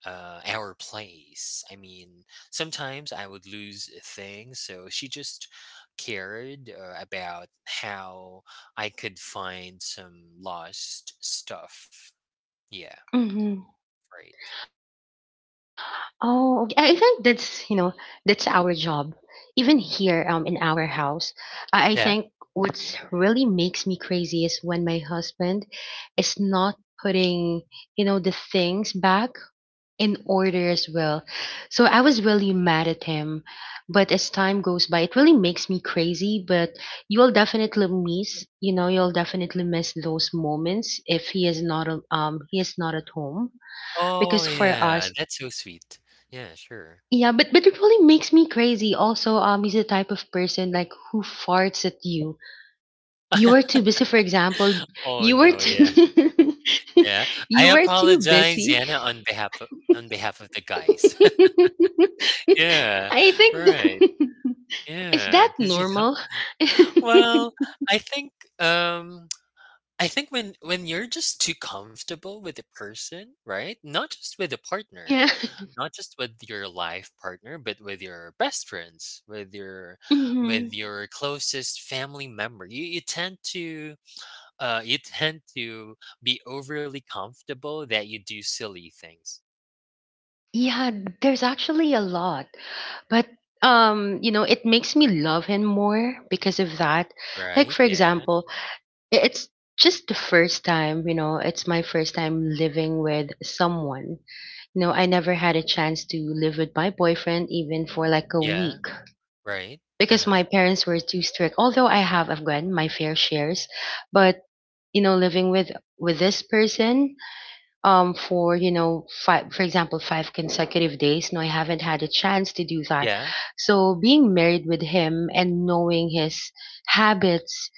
uh, our place. I mean, sometimes I would lose things, so she just cared uh, about how I could find some lost stuff. Yeah, mhm. right. Oh, okay. I I think that's, you know, that's our job. Even here um in our house, I I think Yeah. what's really makes me crazy is when my husband is not putting, you know, the things back in order as well. So I was really mad at him. But as time goes by, it really makes me crazy. But you'll definitely miss, you know, you'll definitely miss those moments if he is not a- um he is not at home. Oh, Because for yeah. us, That's so sweet. Yeah, sure. yeah, but but it really makes me crazy. Also, um, he's the type of person like who farts at you. You were too busy, for example. Oh You were no, too yeah, yeah. I you were too apologize, busy Yana, on behalf of, on behalf of the guys. Yeah, I right. think is Yeah, that because you know normal? well, I think, um, I think when when you're just too comfortable with a person, right? Not just with a partner, Yeah. not just with your life partner, but with your best friends, with your with Mhm. your closest family member. You you tend to, uh, you tend to be overly comfortable that you do silly things, Yeah, there's actually a lot. But um, you know, it makes me love him more because of that. Like right? for Yeah. example, i- it's just the first time, you know, it's my first time living with someone. You know, I never had a chance to live with my boyfriend even for like a Yeah, week, right. because Uh-huh. my parents were too strict. Although I have I've gotten my fair shares, but you know, living with with this person, um for, you know, five for example five consecutive days, no, I haven't had a chance to do that. Yeah, So being married with him and knowing his habits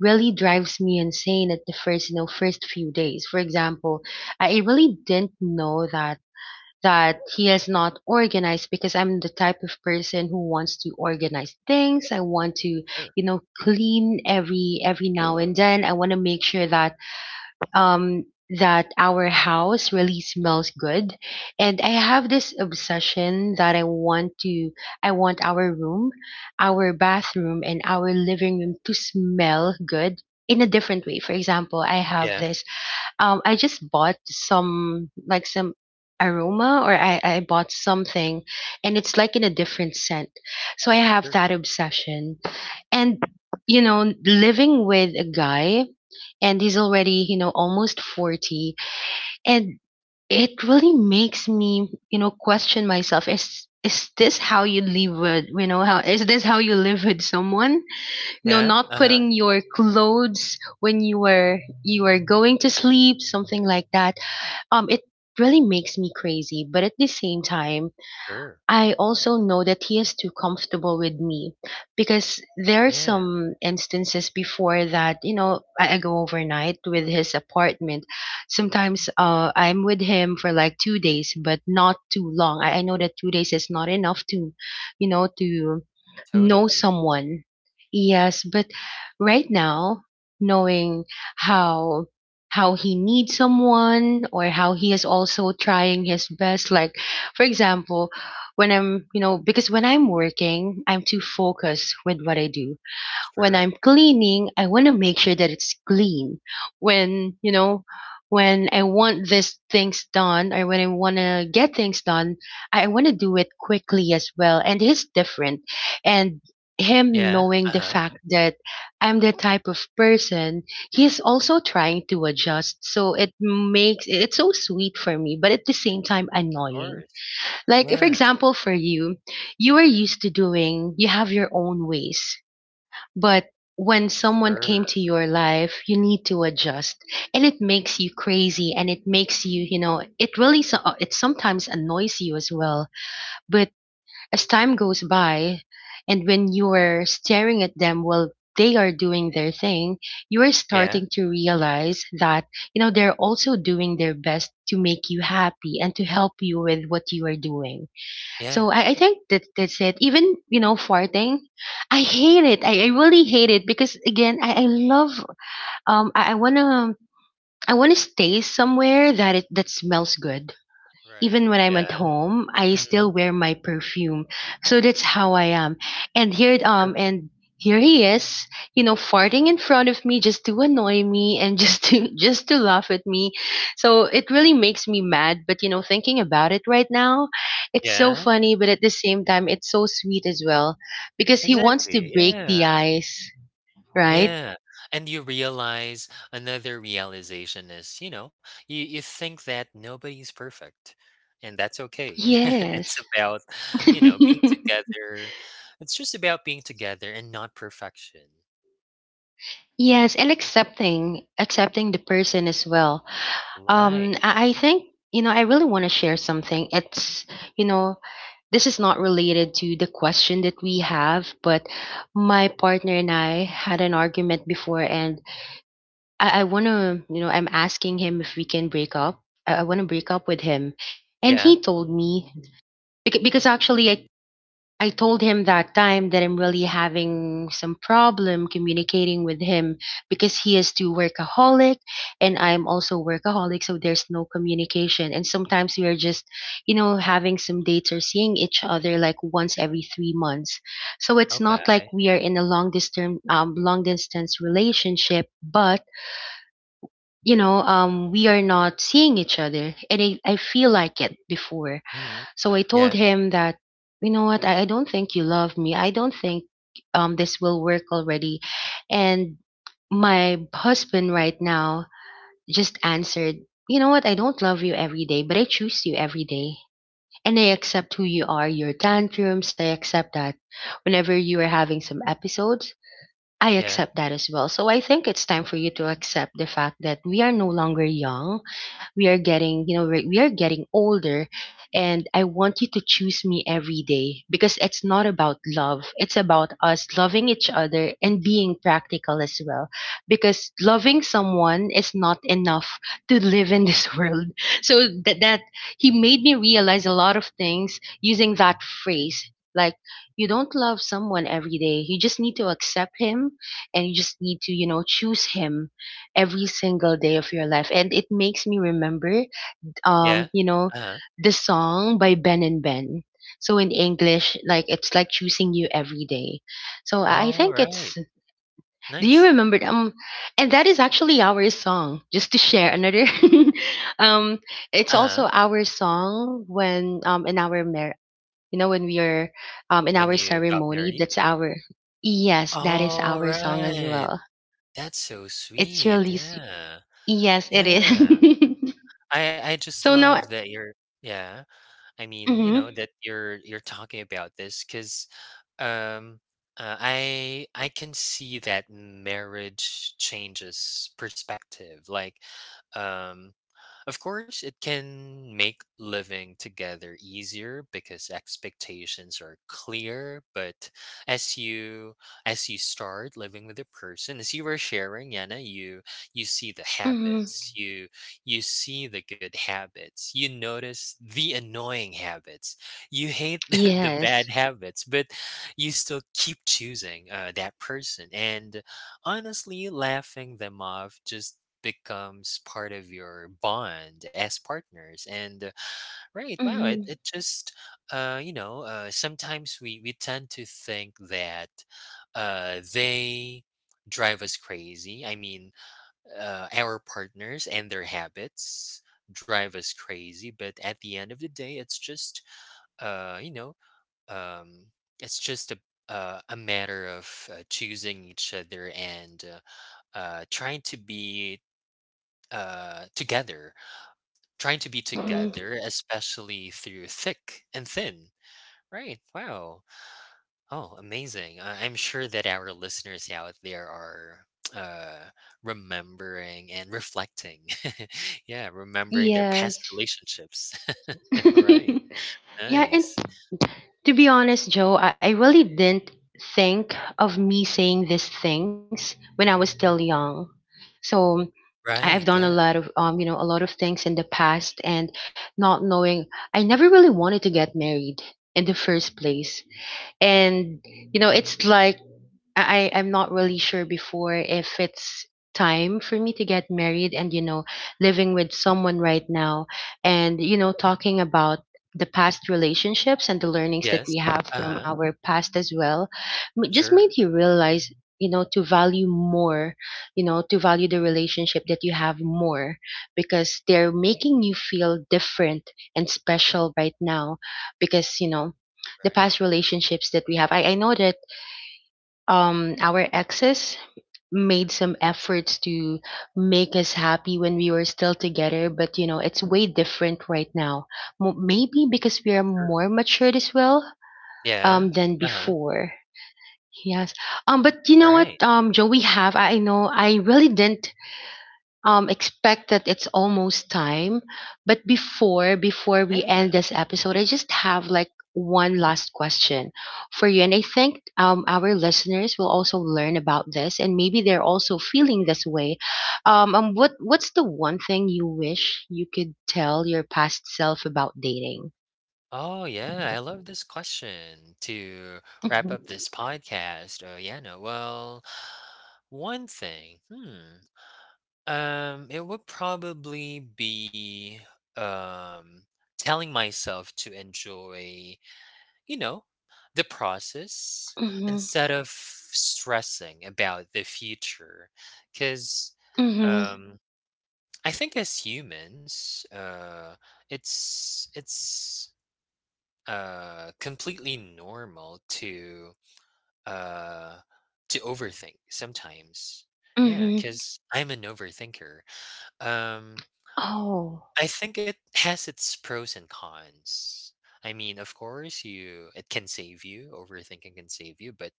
really drives me insane at the first, you know, first few days. For example, i I really didn't know that that he is not organized, because I'm the type of person who wants to organize things. I want to, sure. you know, clean every every now and then. I want to make sure that um that our house really smells good. And I have this obsession that I want to I want our room, our bathroom and our living room to smell good in a different way. For example, I have Yeah, this, um, I just bought some, like some aroma, or I, I bought something and it's like in a different scent. So I have sure. that obsession. And you know, living with a guy and he's already, you know, almost forty, and it really makes me, you know, question myself, is is this how you live with, you know, how, is this how you live with someone? No, Yeah, not uh-huh, putting your clothes when you were you were going to sleep, something like that, um, it really makes me crazy. But at the same time, sure. I also know that he is too comfortable with me, because there are Yeah, some instances before that, you know, I, I go overnight with his apartment. Sometimes uh, I'm with him for like two days, but not too long. I, I know that two days is not enough to, you know, to know totally. someone. Yes, but right now, knowing how how he needs someone, or how he is also trying his best, like for example, when I'm, you know, because when I'm working, I'm too focused with what I do. When I'm Sure. cleaning, I want to make sure that it's clean. When, you know, when I want these things done, or when I want to get things done, I want to do it quickly as well. And he's different. And him Yeah, knowing the uh-huh, fact that I'm the type of person, he's also trying to adjust. So it makes it's so sweet for me, but at the same time of annoying. course. Like, for Yeah, example, for you, you are used to doing, you have your own ways. But when someone came sure. to your life, you need to adjust. And it makes you crazy, and it makes you, you know, it really, so- uh, it sometimes annoys you as well. But as time goes by, and when you are staring at them while they are doing their thing, you are Yeah, starting to realize that, you know, they're also doing their best to make you happy and to help you with what you are doing. yeah. So I, I think that that's it. Even, you know, farting, I hate it. I, I really hate it, because again, I, I love um I, I wanna, I wanna stay somewhere that it that smells good. Even Right, when I'm at yeah. home, I still Mhm. wear my perfume. So that's how I am. And here um and here he is, you know, farting in front of me just to annoy me and just to just to laugh at me. So it really makes me mad, but you know, thinking about it right now, it's so Yeah, funny, but at the same time it's so sweet as well, because he wants to exactly, break the yeah, ice, right? yeah. And you realize another realization is, you know, you you think that nobody's perfect, and that's okay. It's Yes. about, you know, being together. It's just about being together and not perfection. Yes, and accepting accepting the person as well. Um, Right. I I think, you know, I really want to share something. It's, you know, this is not related to the question that we have, but my partner and I had an argument before, and I, I want to, you know, I'm asking him if we can break up. I, I want to break up with him. And Yeah, he told me, beca- because actually I I told him that time that I'm really having some problem communicating with him because he is too workaholic and I'm also workaholic, so there's no communication. And sometimes we are just, you know, having some dates or seeing each other like once every three months. So it's not like okay. we are in a long distance, um, long distance relationship, but you know, um, we are not seeing each other, and I, I feel like it before. Mhm. So I told Yeah, him that, you know what, I, I don't think you love me. I don't think um, this will work already. And my husband right now just answered, you know what, I don't love you every day, but I choose you every day. And I accept who you are, your tantrums. I accept that whenever you are having some episodes, I yeah. accept that as well. So I think it's time for you to accept the fact that we are no longer young. We are getting, you know we we are getting older, and I want you to choose me every day, because it's not about love, it's about us loving each other and being practical as well, because loving someone is not enough to live in this world. So that that he made me realize a lot of things using that phrase, like you don't love someone every day, you just need to accept him, and you just need to, you know choose him every single day of your life. And it makes me remember, Yeah. um, you know, Uh-huh. the song by Ben and Ben. So in English, like it's like choosing you every day. So I think Alright. it's. Do you Nice. remember? Um, and that is actually our song. Just to share another. um, it's Uh-huh. also our song when um in our mar- you know, when we are um in When our you got ceremony. married? That's our. Yes, that is our song as Alright. well. That's so It's sweet. really s- Yeah. yes, it Yeah. is. I I just So love now. that you're yeah. I mean, you know, Mhm, that you're you're talking about this because, um, uh, I I can see that marriage changes perspective. Like, um of course, it can make living together easier because expectations are clear, but as you as you start living with a person, as you were sharing, Yana, you you see the mhm. habits, you you see the good habits, you notice the annoying habits, you hate the, the Yes. bad habits, but you still keep choosing uh, that person and honestly laughing them off just becomes part of your bond as partners and uh, right, wow, it, Mhm, it just uh you know uh sometimes we we tend to think that uh they drive us crazy. I mean, uh, our partners and their habits drive us crazy, but at the end of the day, it's just uh you know um it's just a uh, a matter of uh, choosing each other and uh, uh, trying to be uh, together. Trying to be mhm. together, especially through thick and thin. Right. Wow. Oh, amazing. Uh, I'm sure that our listeners out there are uh, remembering and reflecting. Yeah, remembering their past Yes. relationships. Right. Yeah, and Nice. to be honest, Joe, I I really didn't think of me saying these things when I was still young. So I- I've Right. done a Yeah. lot of um, you know, a lot of things in the past, and not knowing, I never really wanted to get married in the first place. And you know, it's like I I- am not really sure before if it's time for me to get married, and you know, living with someone right now, and you know, talking about the past relationships and the learnings that Yes. we have Uh from huh. our past as well, m- just Sure. made you realize, you know, to value more, you know, to value the relationship that you have more, because they're making you feel different and special right now, because you know, the Right. past relationships that we have, i, I know that um our exes made some efforts to make us happy when we were still together, but you know it's way different right now. Mo- maybe because we are Sure. more matured as well, um Yeah. than Uh huh. before. Yes. um but you know what, Right. Um joe, we have, i I know i really didn't um expect that it's almost time, but before before we Yeah. end this episode I just have like one last question for you, and I think, um, our listeners will also learn about this, and maybe they're also feeling this way. Um, um what what's the one thing you wish you could tell your past self about dating? Oh yeah, I love this question to wrap Mhm. up this podcast. Oh yeah, no. Well, one thing. Hmm. Um, it would probably be um telling myself to enjoy, you know, the process Mhm. instead of stressing about the future. Cause Mhm. um I think as humans, uh it's it's uh completely normal to uh to overthink sometimes. Yeah, Mhm. because I'm an overthinker. um Oh. I think it has its pros and cons. I mean, of course, you it can save you, overthinking can save you, but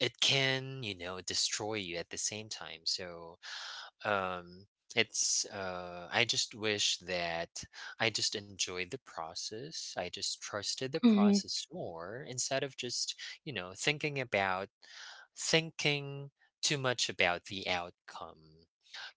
it can, you know, destroy you at the same time. So um it's uh I just wish that I just enjoyed the process, I just trusted the Mhm. process more instead of just, you know, thinking about thinking too much about the outcome,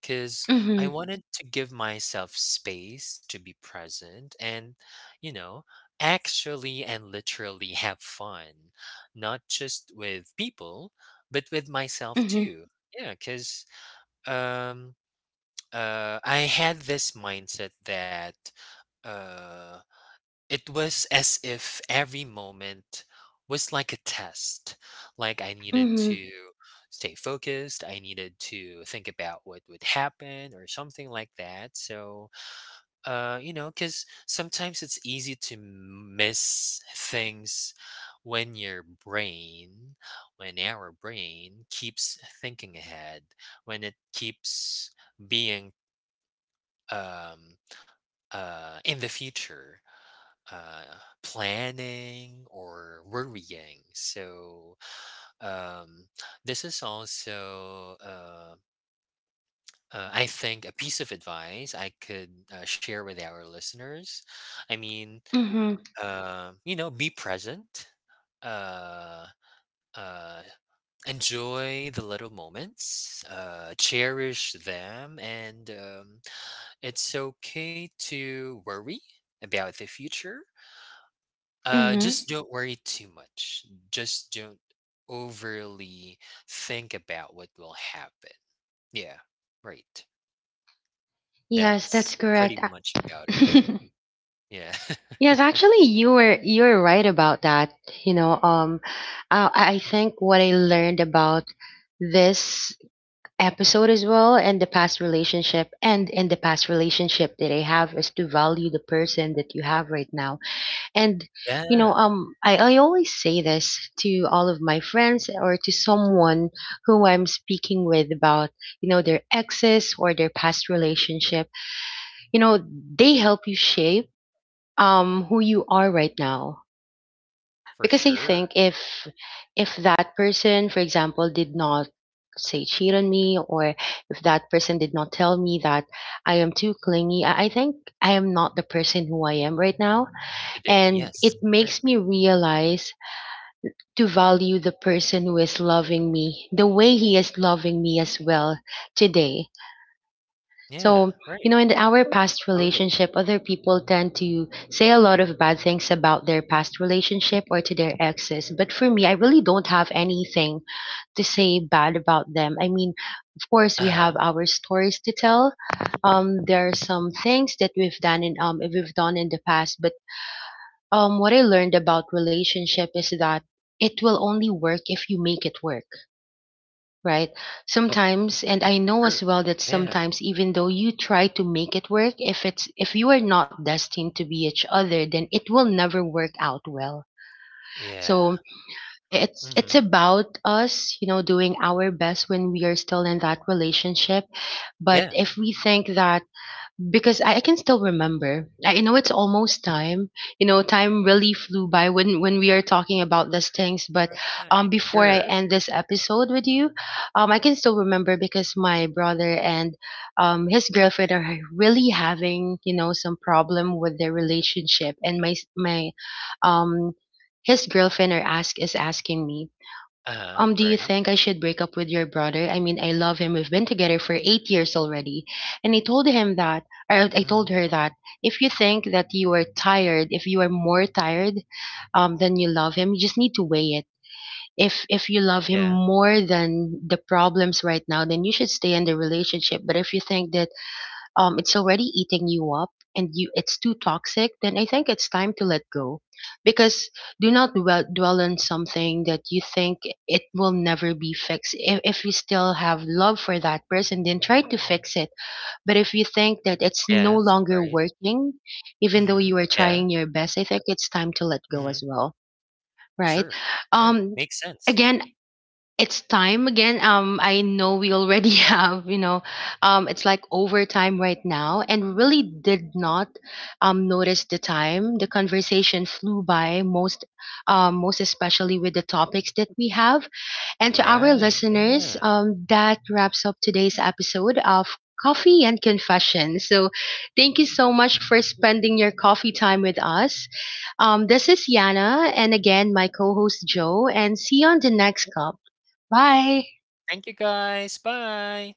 because I Mhm. wanted to give myself space to be present and, you know, actually and literally have fun, not just with people but with myself Mhm. too. Yeah, because uh, I had this mindset that uh, it was as if every moment was like a test. Like I needed Mhm. to stay focused. I needed to think about what would happen or something like that. So, uh, you know, because sometimes it's easy to miss things when your brain, when our brain keeps thinking ahead, when it keeps being um, uh, in the future, uh, planning or worrying. So um, this is also, uh, uh, I think, a piece of advice I could uh, share with our listeners. I mean, Mhm. uh, you know, be present. Uh, uh, Enjoy the little moments, uh, cherish them, and um, it's okay to worry about the future. Uh, Mhm. Just don't worry too much. Just don't overly think about what will happen. Yeah, right. Yes, that's That's pretty correct. much about it. Yeah. Yes, actually, you were you were right about that. You know, um, I, I think what I learned about this episode as well, and the past relationship, and in the past relationship that I have, is to value the person that you have right now. And you know, Yeah, um, I I always say this to all of my friends, or to someone who I'm speaking with about, you know, their exes or their past relationship. You know, they help you shape um who you are right now, for because I sure. think if if that person, for example, did not say cheat on me, or if that person did not tell me that I am too clingy, I I think I am not the person who I am right now, Today, and yes. it Right. makes me realize to value the person who is loving me the way he is loving me as well today. Yeah, So, you right. know, in our past Totally. relationship, other people tend to say a lot of bad things about their past relationship or to their exes. But for me, I really don't have anything to say bad about them. I mean, of course, Uh we huh. have our stories to tell. Um, there are some things that we've done in um we've done in the past, but um, what I learned about relationship is that it will only work if you make it work, right? Sometimes, and I know Sure. as well that Yeah. sometimes, even though you try to make it work, if it's if you are not destined to be each other, then it will never work out well. Yeah. So it's Mm it's hmm. about us, you know, doing our best when we are still in that relationship. But Yeah. if we think that because I, I can still remember. I I know it's almost time. You know, time really flew by when when we are talking about these things. But Right, um, before I sure. end this episode with you, um, I can still remember because my brother and um his girlfriend are really having, you know, some problem with their relationship, and my s- my um his girlfriend are ask is asking me, Uh-huh, um, do you right. think I should break up with your brother? I mean, I love him. We've been together for eight years already. And I told him that, or I told Mhm. her that, if you think that you are tired, if you are more tired um, than you love him, you just need to weigh it. If if you love him Yeah, more than the problems right now, then you should stay in the relationship. But if you think that um, it's already eating you up, and you it's too toxic, then I think it's time to let go. Because do not dwell, dwell on something that you think it will never be fixed. If, if you still have love for that person, then try to fix it. But if you think that it's no yes, longer right. working, even though Mhm. you are Yeah, trying your best, I think it's time to let go mhm. as well, right? Sure. Right, Um, makes sense. again, it's time again. Um, I know we already have, you know, um, it's like overtime right now, and really did not um notice the time. The conversation flew by most, um, most especially with the topics that we have. And to our Right, listeners, yeah. um, that wraps up today's episode of. Coffee and Confession. So, thank you so much for spending your coffee time with us. Um, this is Yana, and again, my co host Joe, and see you on the next cup. Bye! Thank you, guys. Bye.